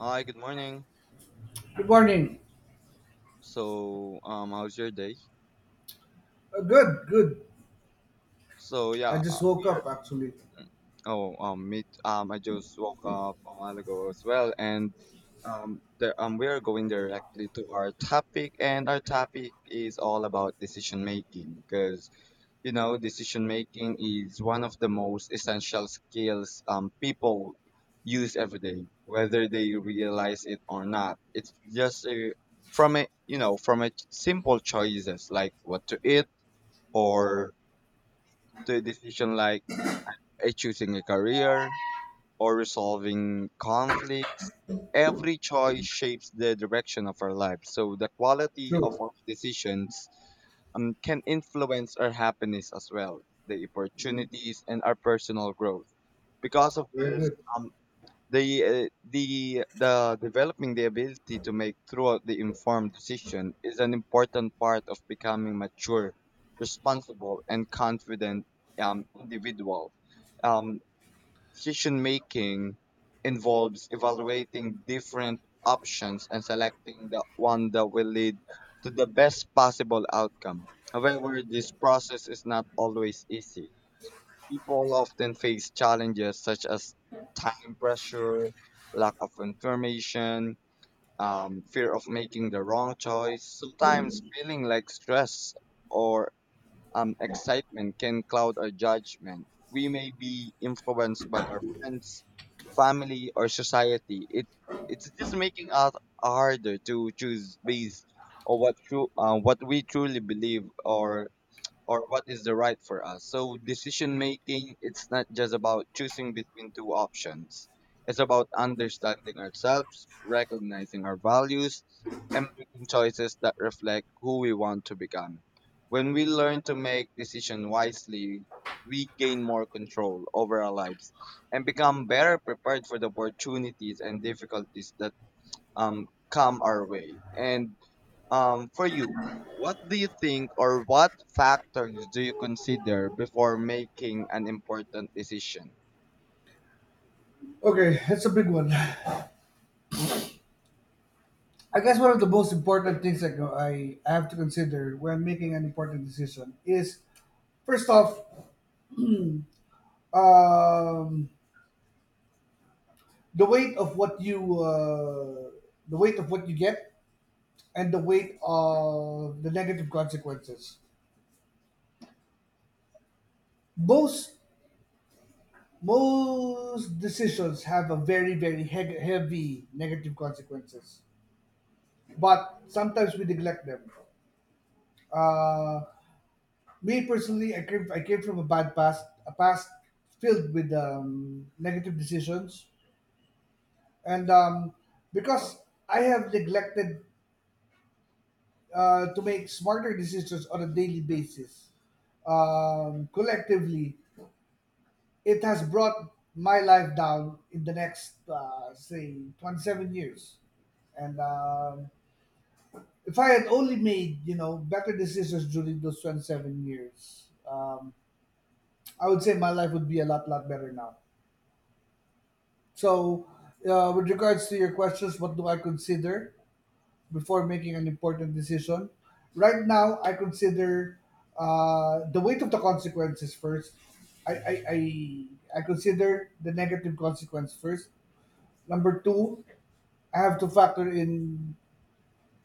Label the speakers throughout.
Speaker 1: Hi, good morning.
Speaker 2: Good morning.
Speaker 1: So, how's your day?
Speaker 2: Good, good.
Speaker 1: So,
Speaker 2: I
Speaker 1: yeah,
Speaker 2: just woke
Speaker 1: we
Speaker 2: up actually.
Speaker 1: Oh, I just woke up a while ago as well, and we are going directly to our topic, and our topic is all about decision making, because decision making is one of the most essential skills people use every day, whether they realize it or not. It's just a, from a from a simple choices like what to eat or to a decision like a choosing a career or resolving conflicts. Every choice shapes the direction of our lives. So the quality of
Speaker 2: True.
Speaker 1: our decisions can influence our happiness as well, the opportunities and our personal growth. Because of
Speaker 2: Very
Speaker 1: this,
Speaker 2: good.
Speaker 1: um, the developing the ability to make throughout the informed decision is an important part of becoming mature, responsible, and confident individual. Um, Decision making involves evaluating different options and selecting the one that will lead to the best possible outcome. However, this process is not always easy. People often face challenges such as time pressure, lack of information, fear of making the wrong choice, sometimes feeling like stress or excitement can cloud our judgment. We may be influenced by our friends, family, or society. It's just making us harder to choose based on what we truly believe or what is the right for us. So decision making, it's not just about choosing between two options. It's about understanding ourselves, recognizing our values, and making choices that reflect who we want to become. When we learn to make decisions wisely, we gain more control over our lives and become better prepared for the opportunities and difficulties that come our way. And for you, what do you think or what factors do you consider before making an important decision?
Speaker 2: Okay, that's a big one. I guess one of the most important things that I have to consider when making an important decision is first off, um, the weight of what you the weight of what you get and the weight of the negative consequences. Most most decisions have a very heavy negative consequences, but sometimes we neglect them. Uh, Me personally, I came from a bad past, a past filled with negative decisions, and because I have neglected to make smarter decisions on a daily basis, collectively, it has brought my life down in the next say 27 years. And if I had only made, you know, better decisions during those 27 years, I would say my life would be a lot, lot better now. So, with regards to your questions, what do I consider before making an important decision? Right now, I consider the weight of the consequences first. I, I, I, I consider the negative consequence first. Number two, I have to factor in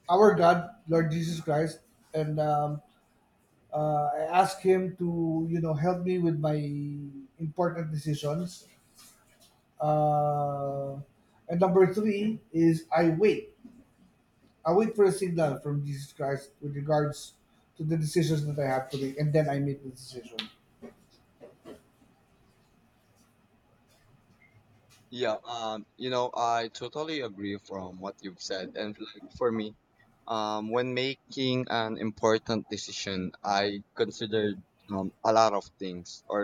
Speaker 2: our God, Lord Jesus Christ, and I asked him to, you know, help me with my important decisions. Uh, and number three is I wait. I wait for a signal from Jesus Christ with regards to the decisions that I have to make, and then I make the decision.
Speaker 1: Yeah, you know, I totally agree from what you've said. And like for me, when making an important decision, I considered a lot of things or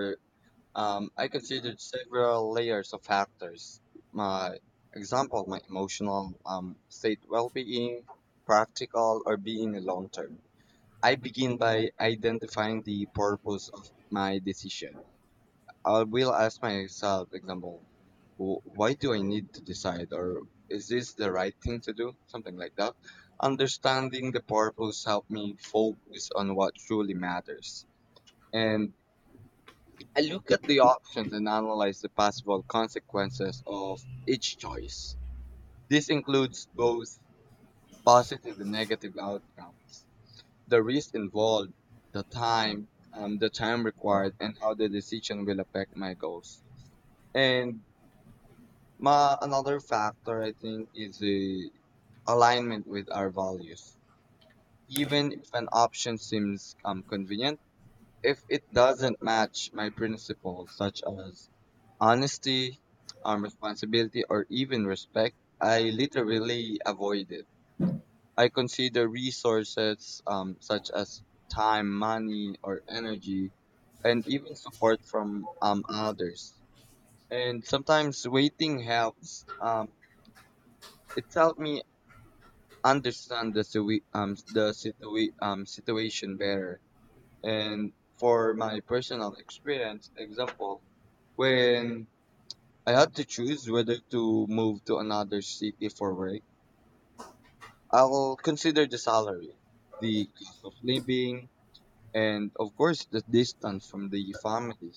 Speaker 1: I considered several layers of factors. My example, my emotional state, well-being, practical, or being long term. I begin by identifying the purpose of my decision. I will ask myself, example, why do I need to decide, or is this the right thing to do?" Something like that. Understanding the purpose helped me focus on what truly matters. And I look at the options and analyze the possible consequences of each choice. This includes both positive and negative outcomes, the risk involved, the time, the time required, and how the decision will affect my goals. And my another factor I think is the alignment with our values. Even if an option seems convenient, if it doesn't match my principles, such as honesty, responsibility, or even respect, I literally avoid it. I consider resources such as time, money, or energy, and even support from others. And sometimes waiting helps. It's helped me understand the situation better. And for my personal experience, example, when I had to choose whether to move to another city for work, I will consider the salary, the cost of living, and of course the distance from the family.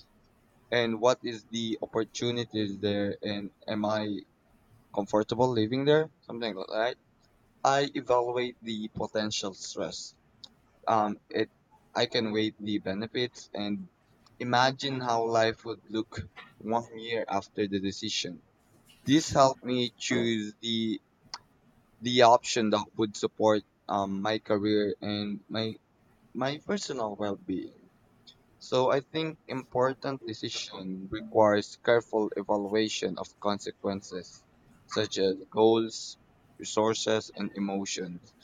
Speaker 1: And what is the opportunities there, and am I comfortable living there? Something like that. I evaluate the potential stress, it I can weigh the benefits and imagine how life would look one year after the decision. This helped me choose the option that would support my career and my personal well-being. So I think important decision requires careful evaluation of consequences, such as goals, resources, and emotions.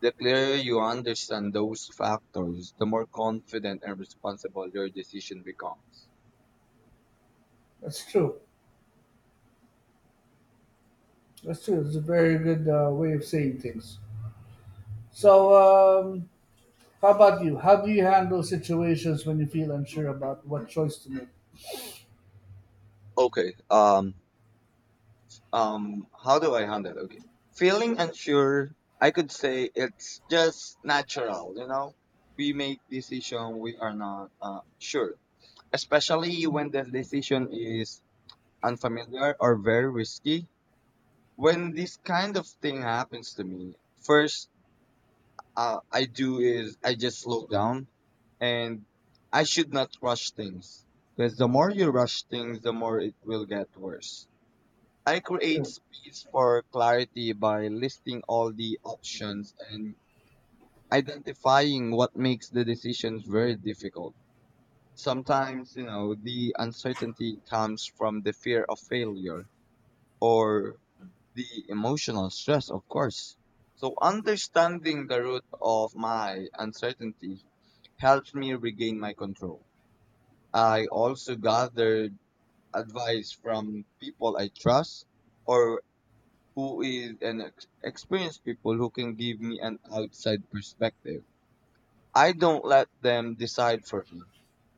Speaker 1: The clearer you understand those factors, the more confident and responsible your decision becomes.
Speaker 2: That's true. That's true. It's a very good way of saying things. So, how about you? How do you handle situations when you feel unsure about what choice to make?
Speaker 1: Okay. How do I handle? Okay. Feeling unsure, I could say it's just natural. You know, we make decision we are not sure, especially when the decision is unfamiliar or very risky. When this kind of thing happens to me, first I do is I just slow down, and I should not rush things because the more you rush things, the more it will get worse. I create
Speaker 2: True.
Speaker 1: space for clarity by listing all the options and identifying what makes the decisions very difficult. Sometimes, you know, the uncertainty comes from the fear of failure or the emotional stress, of course. So understanding the root of my uncertainty helps me regain my control. I also gathered advice from people I trust or who is an experienced people who can give me an outside perspective. I don't let them decide for me,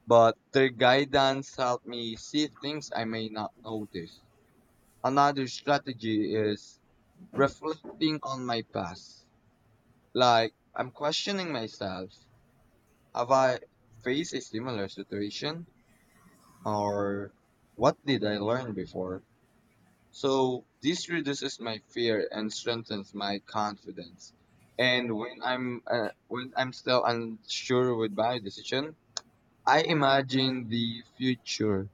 Speaker 1: but their guidance helped me see things I may not notice. Another strategy is reflecting on my past. Like I'm questioning myself. Have I faced a similar situation? Or what did I learn before? So this reduces my fear and strengthens my confidence. And when I'm still unsure with my decision, I imagine the future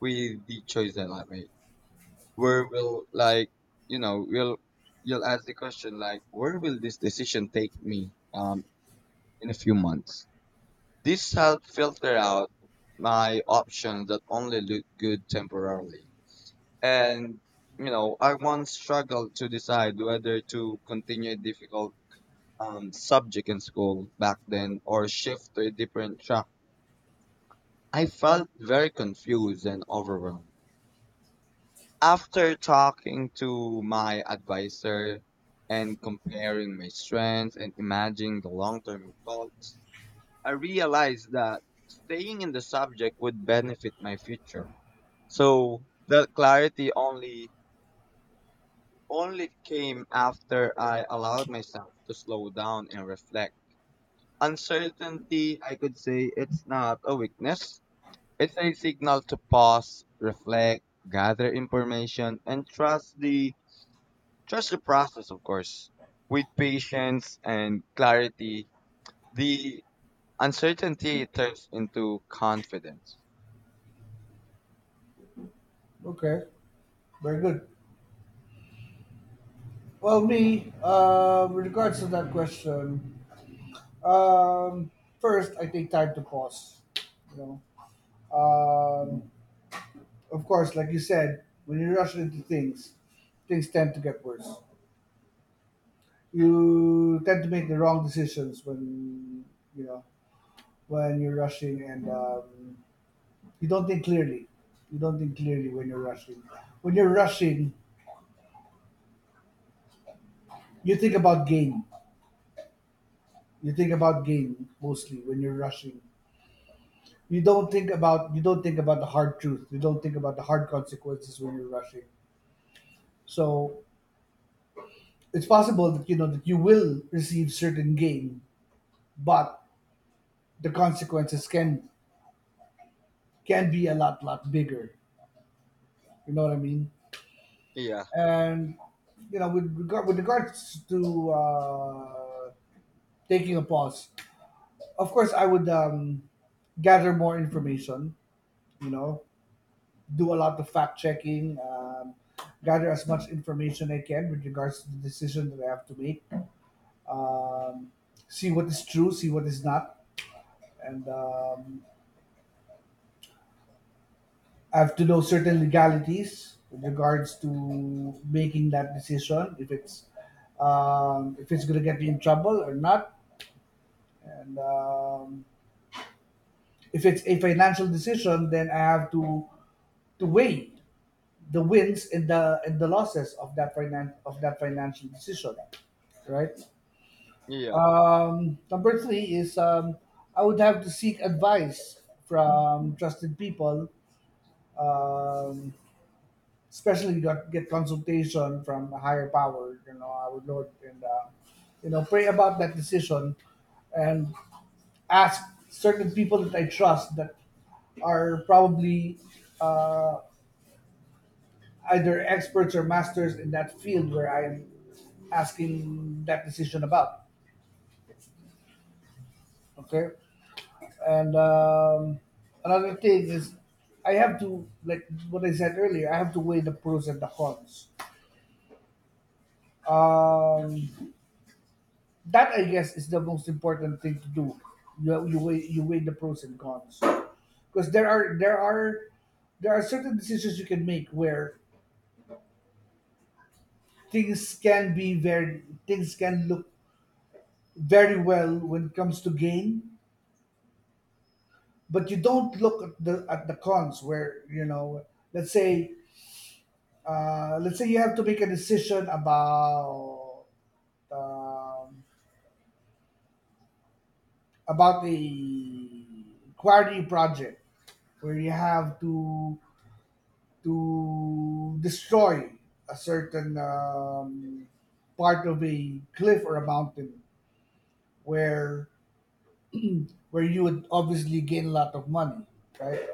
Speaker 1: with the choice that I made. Where will like you know will You'll ask the question like where will this decision take me in a few months? This helps filter out my options that only look good temporarily. And, you know, I once struggled to decide whether to continue a difficult subject in school back then or shift to a different track. I felt very confused and overwhelmed. After talking to my advisor and comparing my strengths and imagining the long term results, I realized that staying in the subject would benefit my future. So, that clarity only came after I allowed myself to slow down and reflect. Uncertainty, I could say, it's not a weakness. It's a signal to pause, reflect, gather information, and trust the process, of course. With patience and clarity, the uncertainty turns into confidence.
Speaker 2: Okay. Very good. Well, me, with regards to that question, um, first, I take time to pause. You know, um, of course, like you said, when you rush into things, things tend to get worse. You tend to make the wrong decisions when, you know, when you're rushing, and you don't think clearly. You don't think clearly when you're rushing. When you're rushing, you think about gain. You think about gain mostly when you're rushing. You don't think about the hard truth. You don't think about the hard consequences when you're rushing. So it's possible that, you know, that you will receive certain gain, but the consequences can be a lot, lot bigger. You know what I mean?
Speaker 1: Yeah,
Speaker 2: And, you know, with regards to taking a pause, of course I would gather more information, you know, do a lot of fact checking, gather as much information I can with regards to the decision that I have to make, um, see what is true, see what is not, and I have to know certain legalities with regards to making that decision, if it's going to get me in trouble or not, and if it's a financial decision, then I have to weigh the wins and the losses of that of that financial decision, right?
Speaker 1: yeah.
Speaker 2: Number three is I would have to seek advice from trusted people, um, especially get consultation from a higher power, you know, our Lord, and you know, pray about that decision and ask certain people that I trust that are probably uh, either experts or masters in that field where I'm asking that decision about. Okay. And another thing is I have to, like what I said earlier, I have to weigh the pros and the cons. Um, that I guess is the most important thing to do. You weigh the pros and cons, because there are certain decisions you can make where things can look very well when it comes to gain, but you don't look at the cons, where, you know, let's say, let's say you have to make a decision um, about the quarry project, where you have to destroy a certain part of a cliff or a mountain, where where you would obviously gain a lot of money, right?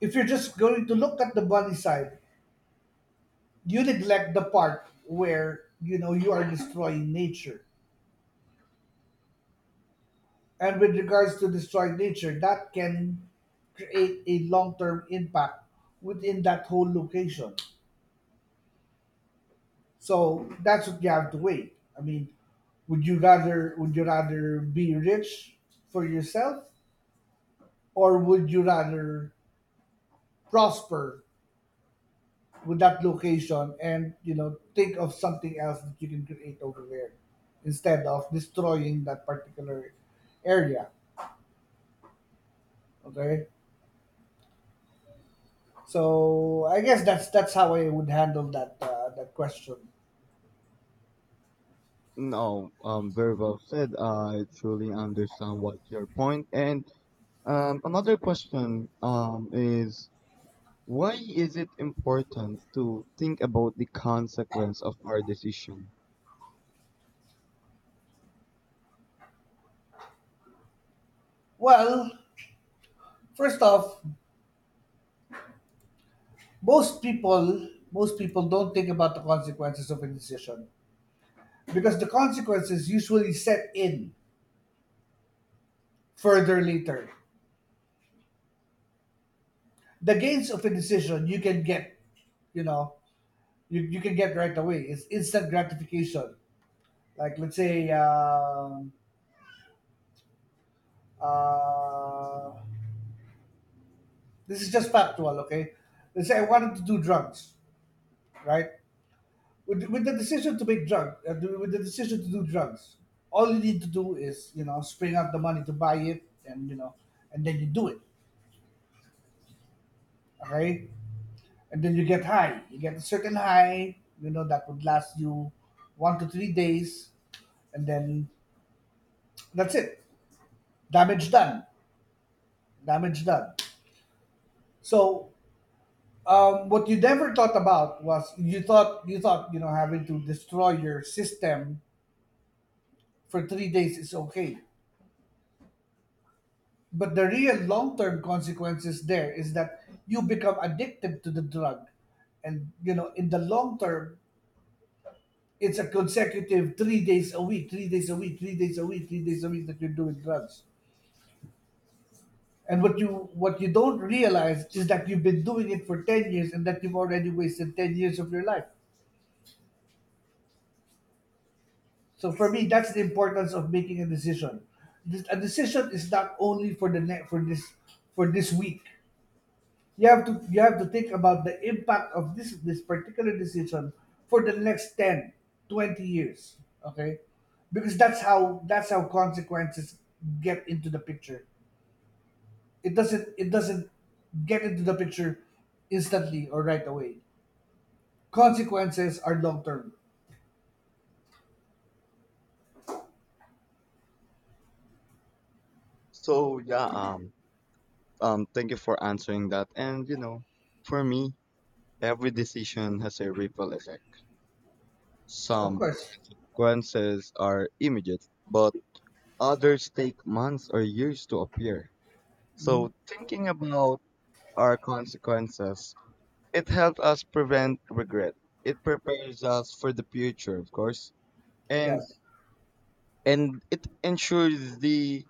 Speaker 2: If you're just going to look at the money side, you neglect the part where, you know, you are destroying nature, and with regards to destroying nature, that can create a long-term impact within that whole location. So that's what you have to weigh. I mean, would you rather be rich for yourself, or would you rather prosper with that location and, you know, think of something else that you can create over there instead of destroying that particular area? Okay, so I guess that's how I would handle that question.
Speaker 1: No, very well said. I truly understand what your point. And another question is, why is it important to think about the consequence of our decision?
Speaker 2: Well, first off, most people don't think about the consequences of a decision because the consequences usually set in further later. The gains of a decision you can get, you know, you can get right away. It's instant gratification. Like let's say, uh, this is just factual. Okay, let's say I wanted to do drugs, right? With the decision to make drug with the decision to do drugs, all you need to do is, you know, spring up the money to buy it, and, you know, and then you do it. Okay, and then you get high, you get a certain high, you know, that would last you 1 to 3 days, and then that's it. Damage done. Damage done. So what you never thought about was you thought, you know, having to destroy your system for 3 days is okay. But the real long term consequences there is that you become addicted to the drug. And, you know, in the long term, it's a consecutive 3 days a week, 3 days a week, 3 days a week, 3 days a week that you're doing drugs. And what you don't realize is that you've been doing it for 10 years and that you've already wasted 10 years of your life. So for me, that's the importance of making a decision. A decision is not only for for this, for this week. You have to think about the impact of this particular decision for the next 10, 20 years. Okay? Because that's how consequences get into the picture. It doesn't get into the picture instantly or right away. Consequences are long term.
Speaker 1: So yeah, thank you for answering that. And you know, for me, every decision has a ripple effect.
Speaker 2: Of
Speaker 1: Some
Speaker 2: course.
Speaker 1: consequences are immediate, but others take months or years to appear. So thinking about our consequences, it helps us prevent regret. It prepares us for the future, of course, and
Speaker 2: Yes.
Speaker 1: and it ensures the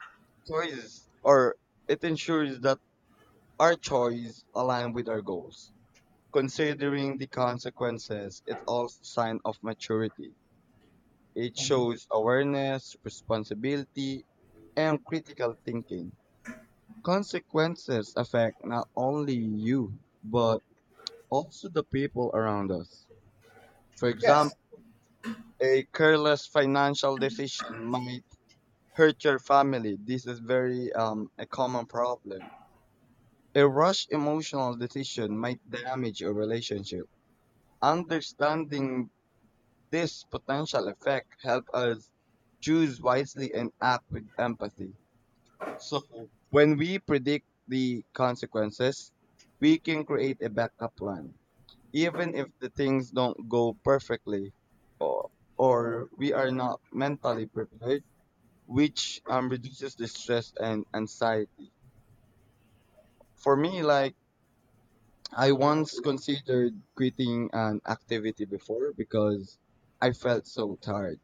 Speaker 1: choice, or it ensures that our choice align with our goals. Considering the consequences, it's also a sign of maturity. It
Speaker 2: Mhm.
Speaker 1: shows awareness, responsibility, and critical thinking. Consequences affect not only you, but also the people around us. For
Speaker 2: Yes.
Speaker 1: example, a careless financial decision might hurt your family. This is very a common problem. A rushed emotional decision might damage your relationship. Understanding this potential effect help us choose wisely and act with empathy. So when we predict the consequences, we can create a backup plan, even if the things don't go perfectly, or, or we are not mentally prepared, which reduces the stress and anxiety. For me, like, I once considered quitting an activity before because I felt so tired.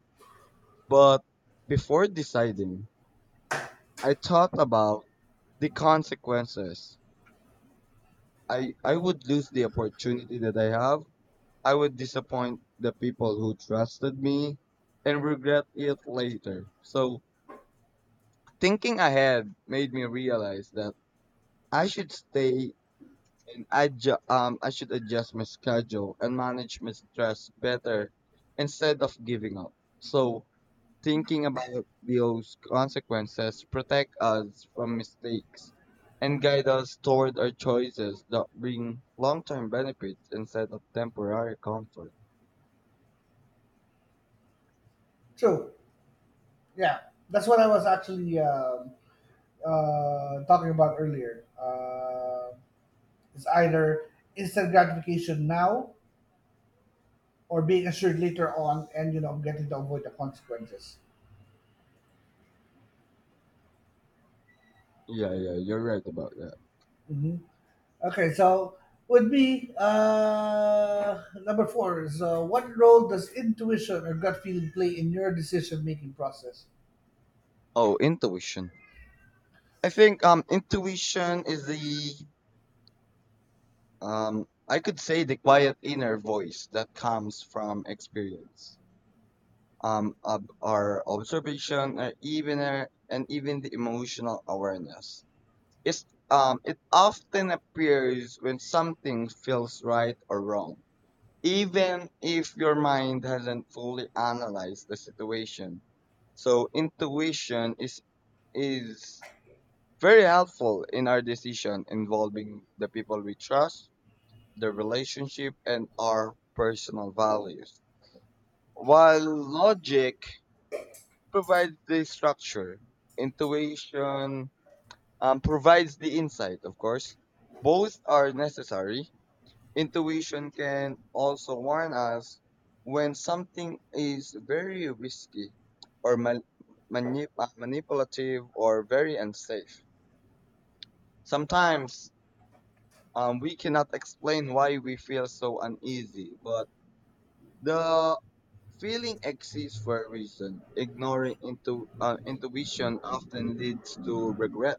Speaker 1: But before deciding, I thought about the consequences. I would lose the opportunity that I have, I would disappoint the people who trusted me and regret it later. So, thinking ahead made me realize that I should stay and adju- I should adjust my schedule and manage my stress better instead of giving up. So, thinking about those consequences protect us from mistakes and guide us toward our choices that bring long-term benefits instead of temporary comfort.
Speaker 2: True. Yeah. That's what I was actually talking about earlier. It's either instant gratification now or being assured later on and, you know, getting to avoid the consequences.
Speaker 1: Yeah, yeah, you're right about that.
Speaker 2: Hmm. Okay, so would be number four is what role does intuition or gut feeling play in your decision making process?
Speaker 1: Oh, intuition. I think intuition is the, I could say the quiet inner voice that comes from experience. Our observation, or even our, and even the emotional awareness. It's it often appears when something feels right or wrong. Even if your mind hasn't fully analyzed the situation. So intuition is very helpful in our decision involving the people we trust, the relationship, and our personal values. While logic provides the structure, intuition provides the insight, of course. Both are necessary. Intuition can also warn us when something is very risky or manip- manipulative or very unsafe. Sometimes we cannot explain why we feel so uneasy, but the feeling exists for a reason. Ignoring intuition often leads to regret.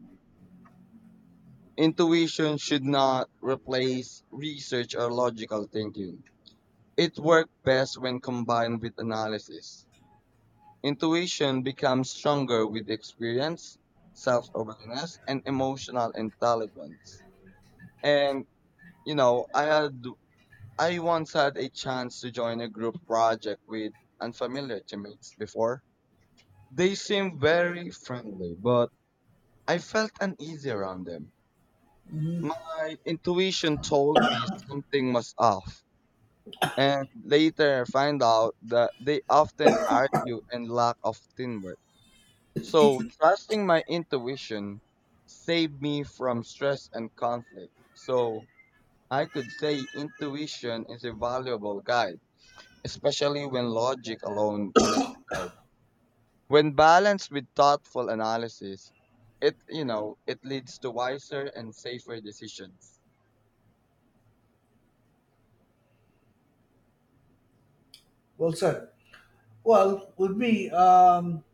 Speaker 1: Intuition should not replace research or logical thinking. It works best when combined with analysis. Intuition becomes stronger with experience, self awareness, and emotional intelligence. And, you know, I had I once had a chance to join a group project with unfamiliar teammates before. They seemed very friendly, but I felt uneasy around them. My intuition told me something was off, and later I find out that they often argue and lack of teamwork. So trusting my intuition saved me from stress and conflict. So I could say intuition is a valuable guide especially when logic alone cannot decide. When balanced with thoughtful analysis, it you know it leads to wiser and safer decisions.
Speaker 2: Well said. Well, with me,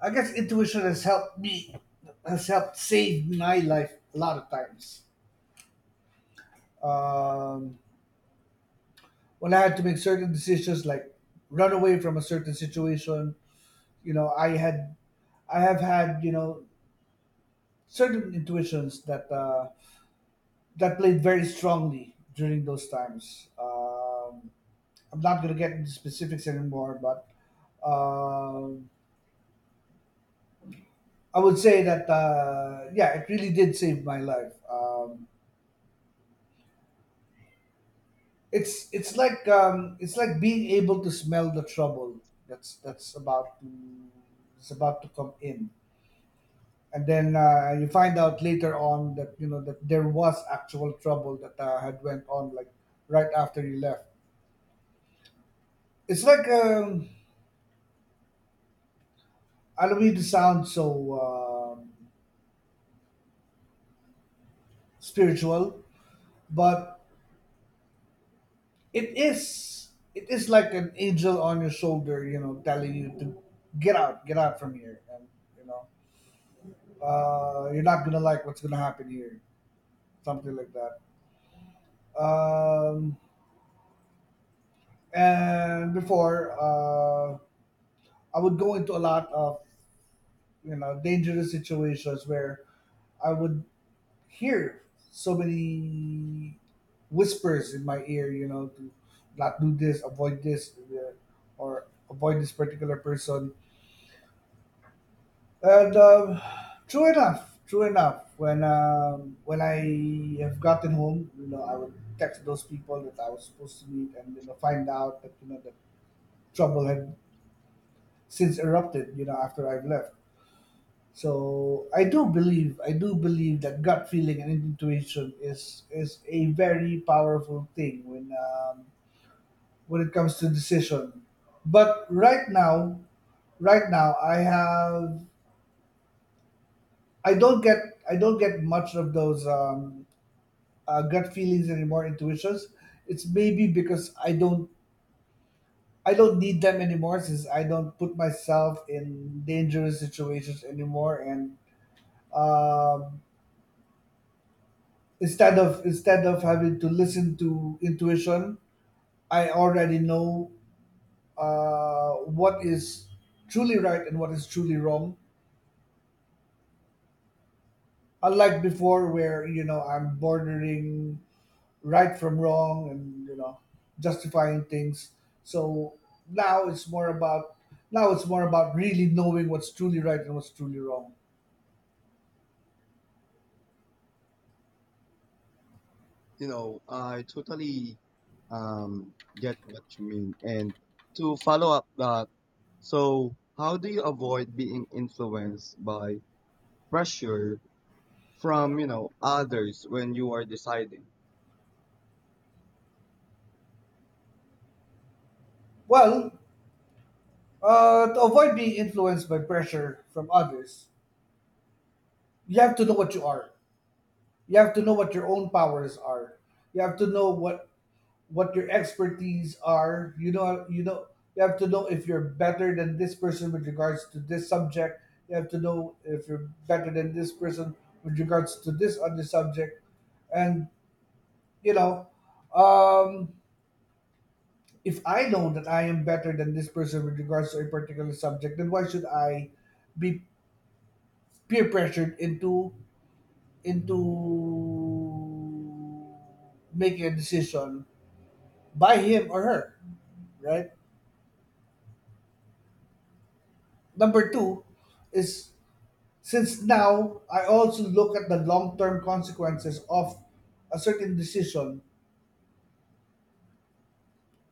Speaker 2: I guess intuition has helped save my life a lot of times. Um, when I had to make certain decisions, like run away from a certain situation, you know, I have had, you know, certain intuitions that that played very strongly during those times. Um, I'm not going to get into specifics anymore, but um, I would say that yeah, it really did save my life. Um, it's it's like being able to smell the trouble that's about to, it's about to come in, and then you find out later on that, you know, that there was actual trouble that had went on like right after you left. It's like I don't mean to sound so um, spiritual, but it is. It is like an angel on your shoulder, you know, telling you to get out, get out from here, and, you know, you're not gonna like what's gonna happen here, something like that. Um, and before I would go into a lot of, you know, dangerous situations where I would hear so many whispers in my ear, you know, to not do this, avoid this, or avoid this particular person. And true enough, when I have gotten home, you know, I would text those people that I was supposed to meet, and, you know, find out that, you know, that trouble had since erupted, you know, after I've left. So I do believe that gut feeling and intuition is a very powerful thing when it comes to decision. But right now, right now I have I don't get I don't get much of those gut feelings anymore, intuitions. It's maybe because I don't need them anymore since I don't put myself in dangerous situations anymore and um, instead of having to listen to intuition I already know what is truly right and what is truly wrong, unlike before where, you know, I'm bordering right from wrong and, you know, justifying things. So now it's more about now it's more about really knowing what's truly right and what's truly wrong.
Speaker 1: You know, I, totally get what you mean. And to follow up that, so how do you avoid being influenced by pressure from, you know, others when you are deciding?
Speaker 2: Well, to avoid being influenced by pressure from others, you have to know what you are. You have to know what your own powers are. You have to know what your expertise are. You know, you have to know if you're better than this person with regards to this subject. You have to know if you're better than this person with regards to this other subject. And, you know, um, if I know that I am better than this person with regards to a particular subject, then why should I be peer pressured into making a decision by him or her, right? Number two is, since now I also look at the long term consequences of a certain decision,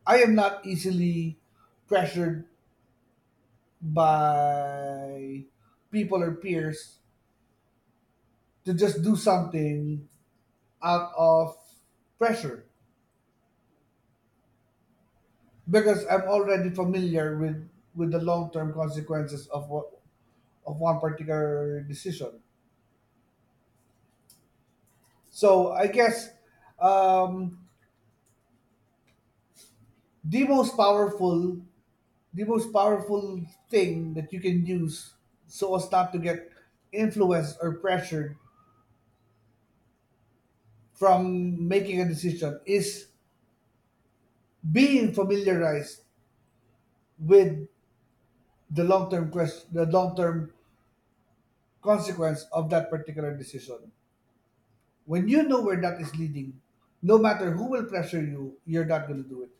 Speaker 2: I am not easily pressured by people or peers to just do something out of pressure, because I'm already familiar with the long term consequences of what of one particular decision. So I guess um, the most powerful the most powerful thing that you can use so as not to get influenced or pressured from making a decision is being familiarized with the long-term consequence of that particular decision. When you know where that is leading, no matter who will pressure you, you're not going to do it.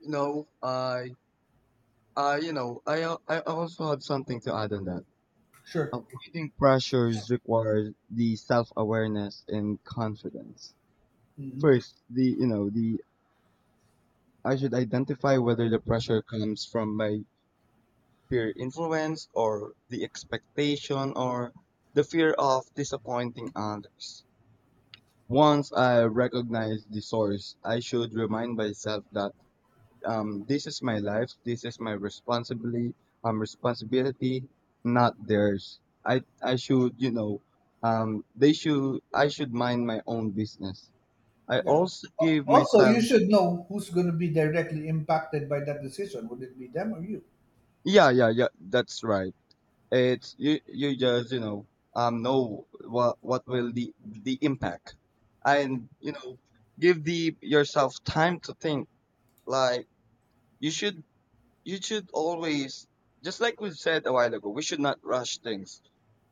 Speaker 1: You know, I, you know, I also have something to add on that.
Speaker 2: Sure.
Speaker 1: Avoiding pressures requires the self-awareness and confidence.
Speaker 2: Hmm.
Speaker 1: First, the you know the I should identify whether the pressure comes from my peer influence or the expectation or the fear of disappointing others. Once I recognize the source, I should remind myself that this is my life. This is my responsibility. Responsibility, not theirs. I should you know, they should I should mind my own business. I
Speaker 2: Yeah.
Speaker 1: also
Speaker 2: Al-
Speaker 1: give
Speaker 2: also
Speaker 1: myself.
Speaker 2: you should know who's going to be directly impacted by that decision. Would it be them or you?
Speaker 1: Yeah, yeah, yeah. That's right. It's you. You just know what will the impact, and you know give the yourself time to think. Like you should always just like we said a while ago. We should not rush things.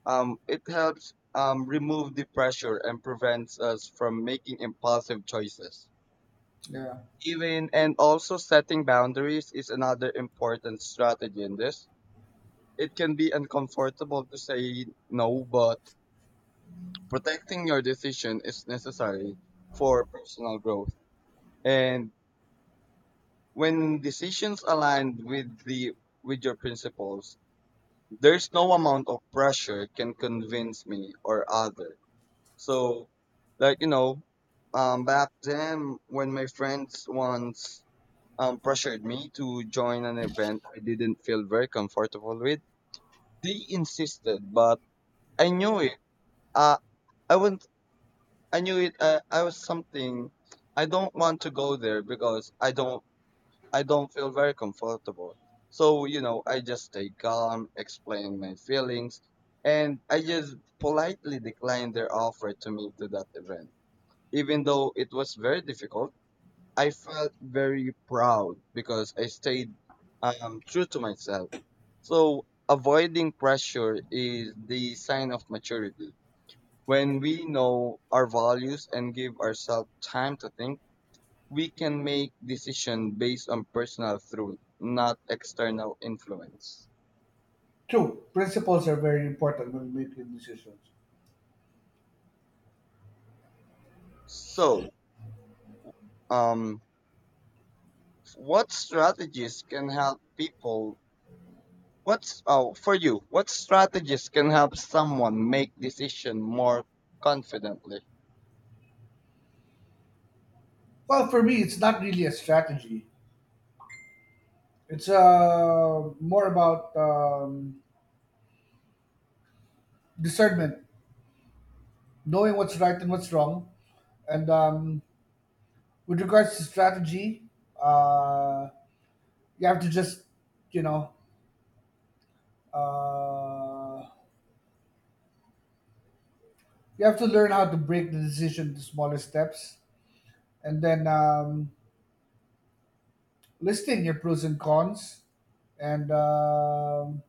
Speaker 1: It helps remove the pressure and prevents us from making impulsive choices.
Speaker 2: Yeah.
Speaker 1: Even and also setting boundaries is another important strategy in this. It can be uncomfortable to say no, but protecting your decision is necessary for personal growth. And when decisions align with the with your principles, there's no amount of pressure can convince me or other. So, like you know, back then when my friends once pressured me to join an event I didn't feel very comfortable with, they insisted, but I knew it. Uh, I wouldn't. I knew it. I was something. I don't want to go there because I don't. I don't feel very comfortable. So you know, I just stay calm, explain my feelings, and I just politely declined their offer to meet to that event. Even though it was very difficult, I felt very proud because I stayed true to myself. So avoiding pressure is the sign of maturity. When we know our values and give ourselves time to think, we can make decisions based on personal truth, not external influence.
Speaker 2: True. Principles are very important when making decisions.
Speaker 1: So, um, what strategies can help people. What's for you? What strategies can help someone make decision more confidently?
Speaker 2: Well, for me, it's not really a strategy. It's more about discernment, knowing what's right and what's wrong. And with regards to strategy, uh, you have to just, you know, uh, you have to learn how to break the decision into smaller steps. And then listing your pros and cons and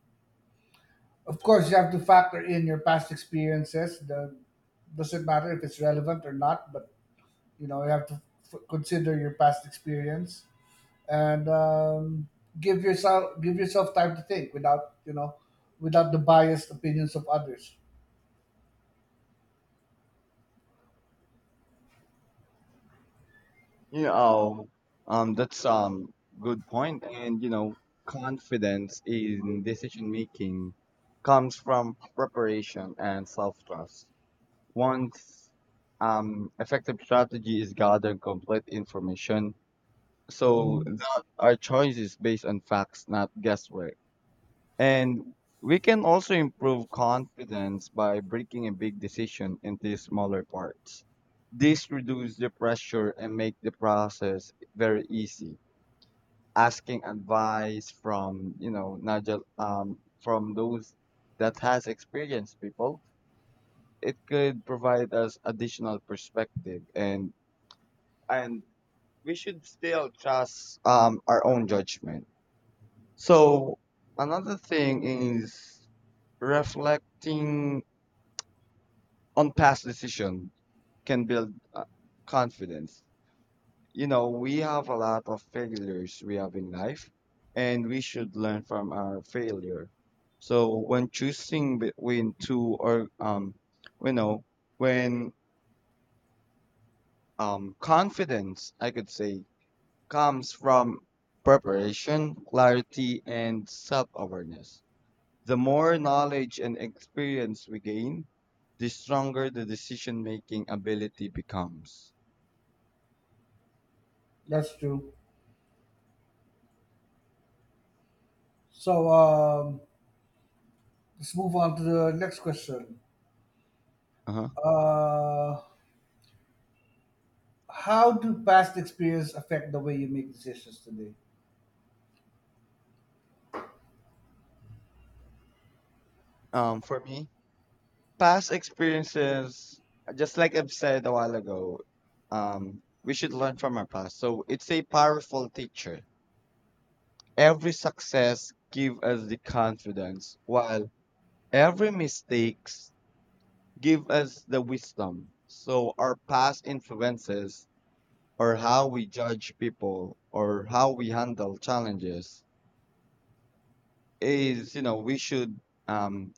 Speaker 2: of course, you have to factor in your past experiences. The doesn't matter if it's relevant or not, but you know you have to consider your past experience and give yourself time to think without, you know, without the biased opinions of others.
Speaker 1: You know, that's good point. And you know, confidence in decision making comes from preparation and self trust. Once effective strategy is gathering complete information, so
Speaker 2: Mhm.
Speaker 1: that our choices based on facts, not guesswork. And we can also improve confidence by breaking a big decision into smaller parts. This reduces the pressure and make the process very easy. Asking advice from you know not just from those that has experienced people, it could provide us additional perspective and we should still trust our own judgment. So another thing is reflecting on past decision can build confidence. You know, we have a lot of failures we have in life, and we should learn from our failure. So when choosing between two or you know, when confidence, I could say, comes from preparation, clarity, and self-awareness. The more knowledge and experience we gain, the stronger the decision-making ability becomes.
Speaker 2: That's true. So let's move on to the next question.
Speaker 1: Uh-huh.
Speaker 2: Uh, how do past experience affect the way you make decisions today?
Speaker 1: For me, past experiences, just like I've said a while ago, we should learn from our past. So it's a powerful teacher. Every success give us the confidence, while every mistakes give us the wisdom. So our past influences or how we judge people or how we handle challenges is you know we should um,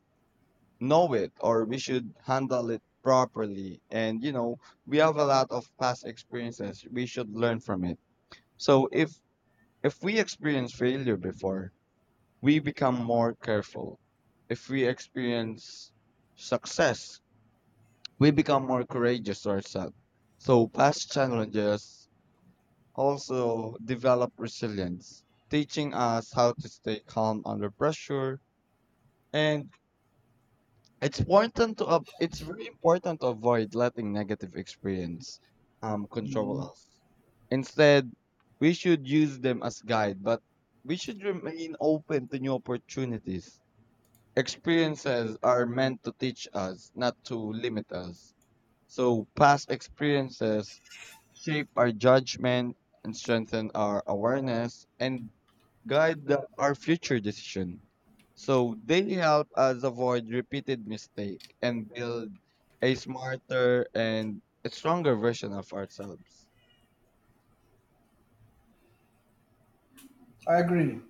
Speaker 1: know it or we should handle it properly, and you know we have a lot of past experiences we should learn from it. So if we experience failure before, we become more careful. If we experience success, we become more courageous ourselves. So past challenges also develop resilience, teaching us how to stay calm under pressure. And it's important to it's very important to avoid letting negative experience control
Speaker 2: Mhm.
Speaker 1: us. Instead, we should use them as guide, but we should remain open to new opportunities. Experiences are meant to teach us, not to limit us. So past experiences shape our judgment and strengthen our awareness and guide our future decision. So they help us avoid repeated mistake and build a smarter and a stronger version of ourselves.
Speaker 2: I agree.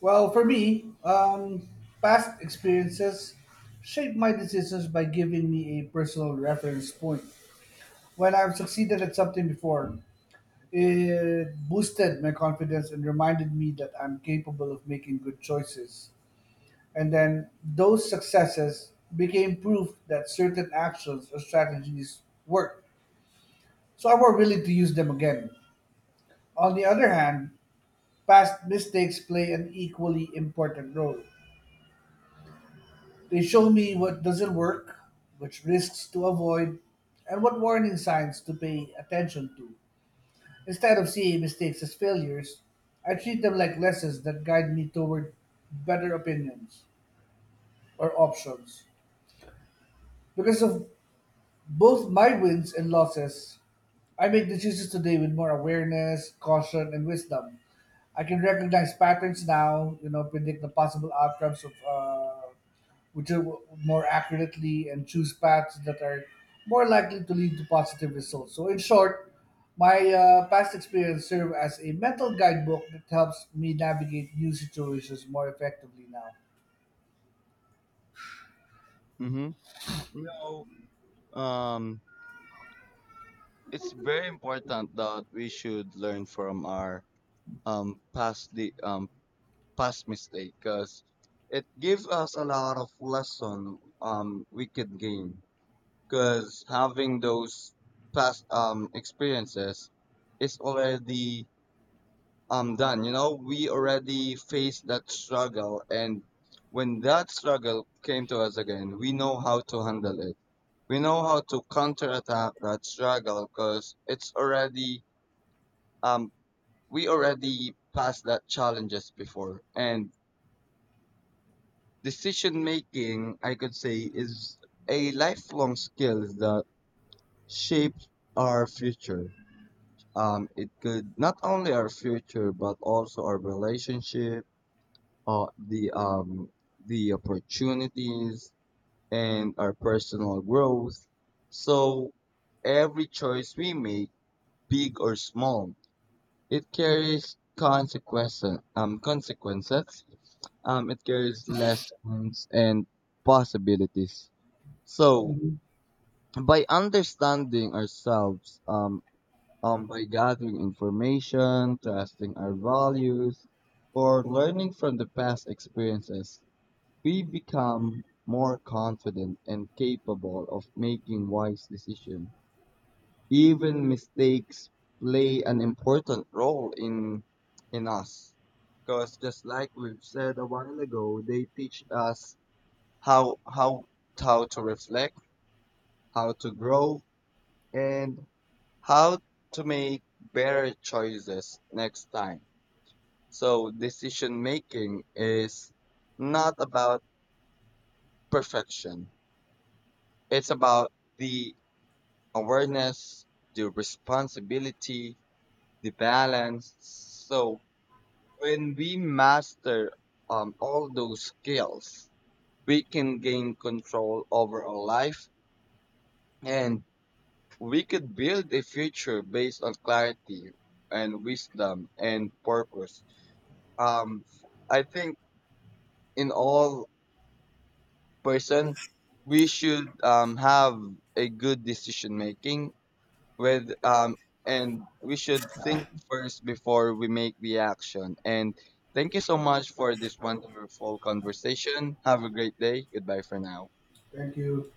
Speaker 2: Well, for me, past experiences shape my decisions by giving me a personal reference point. When I've succeeded at something before, it boosted my confidence and reminded me that I'm capable of making good choices. And then those successes became proof that certain actions or strategies work. So I'm more willing to use them again. On the other hand, past mistakes play an equally important role. They show me what doesn't work, which risks to avoid, and what warning signs to pay attention to. Instead of seeing mistakes as failures, I treat them like lessons that guide me toward better opinions or options. Because of both my wins and losses, I make decisions today with more awareness, caution, and wisdom. I can recognize patterns now, you know, predict the possible outcomes of which are more accurately and choose paths that are more likely to lead to positive results. So, in short, my past experience serve as a mental guidebook that helps me navigate new situations more effectively now.
Speaker 1: Mm-hmm. You know, um, it's very important that we should learn from our past the past mistake because it gives us a lot of lesson we could gain, because having those past experiences is already done. You know we already faced that struggle, and when that struggle came to us again we know how to handle it. We know how to counterattack that struggle because it's already um we already passed that challenges before. And decision making I could say is a lifelong skill that shapes our future. It could not only our future but also our relationship, uh, the um, the opportunities and our personal growth. So every choice we make, big or small, it carries consequences. It carries lessons and possibilities. So
Speaker 2: Mhm.
Speaker 1: by understanding ourselves, by gathering information, trusting our values, or learning from the past experiences, we become more confident and capable of making wise decisions. Even mistakes play an important role in us, because just like we've said a while ago, they teach us how how how to reflect, how to grow, and how to make better choices next time. So decision making is not about perfection. It's about the awareness, the responsibility, the balance. So when we master all those skills, we can gain control over our life, and we could build a future based on clarity and wisdom and purpose. um, I think in all person we should have a good decision making with and we should think first before we make the action. And thank you so much for this wonderful conversation. Have a great day. Goodbye for now.
Speaker 2: Thank you.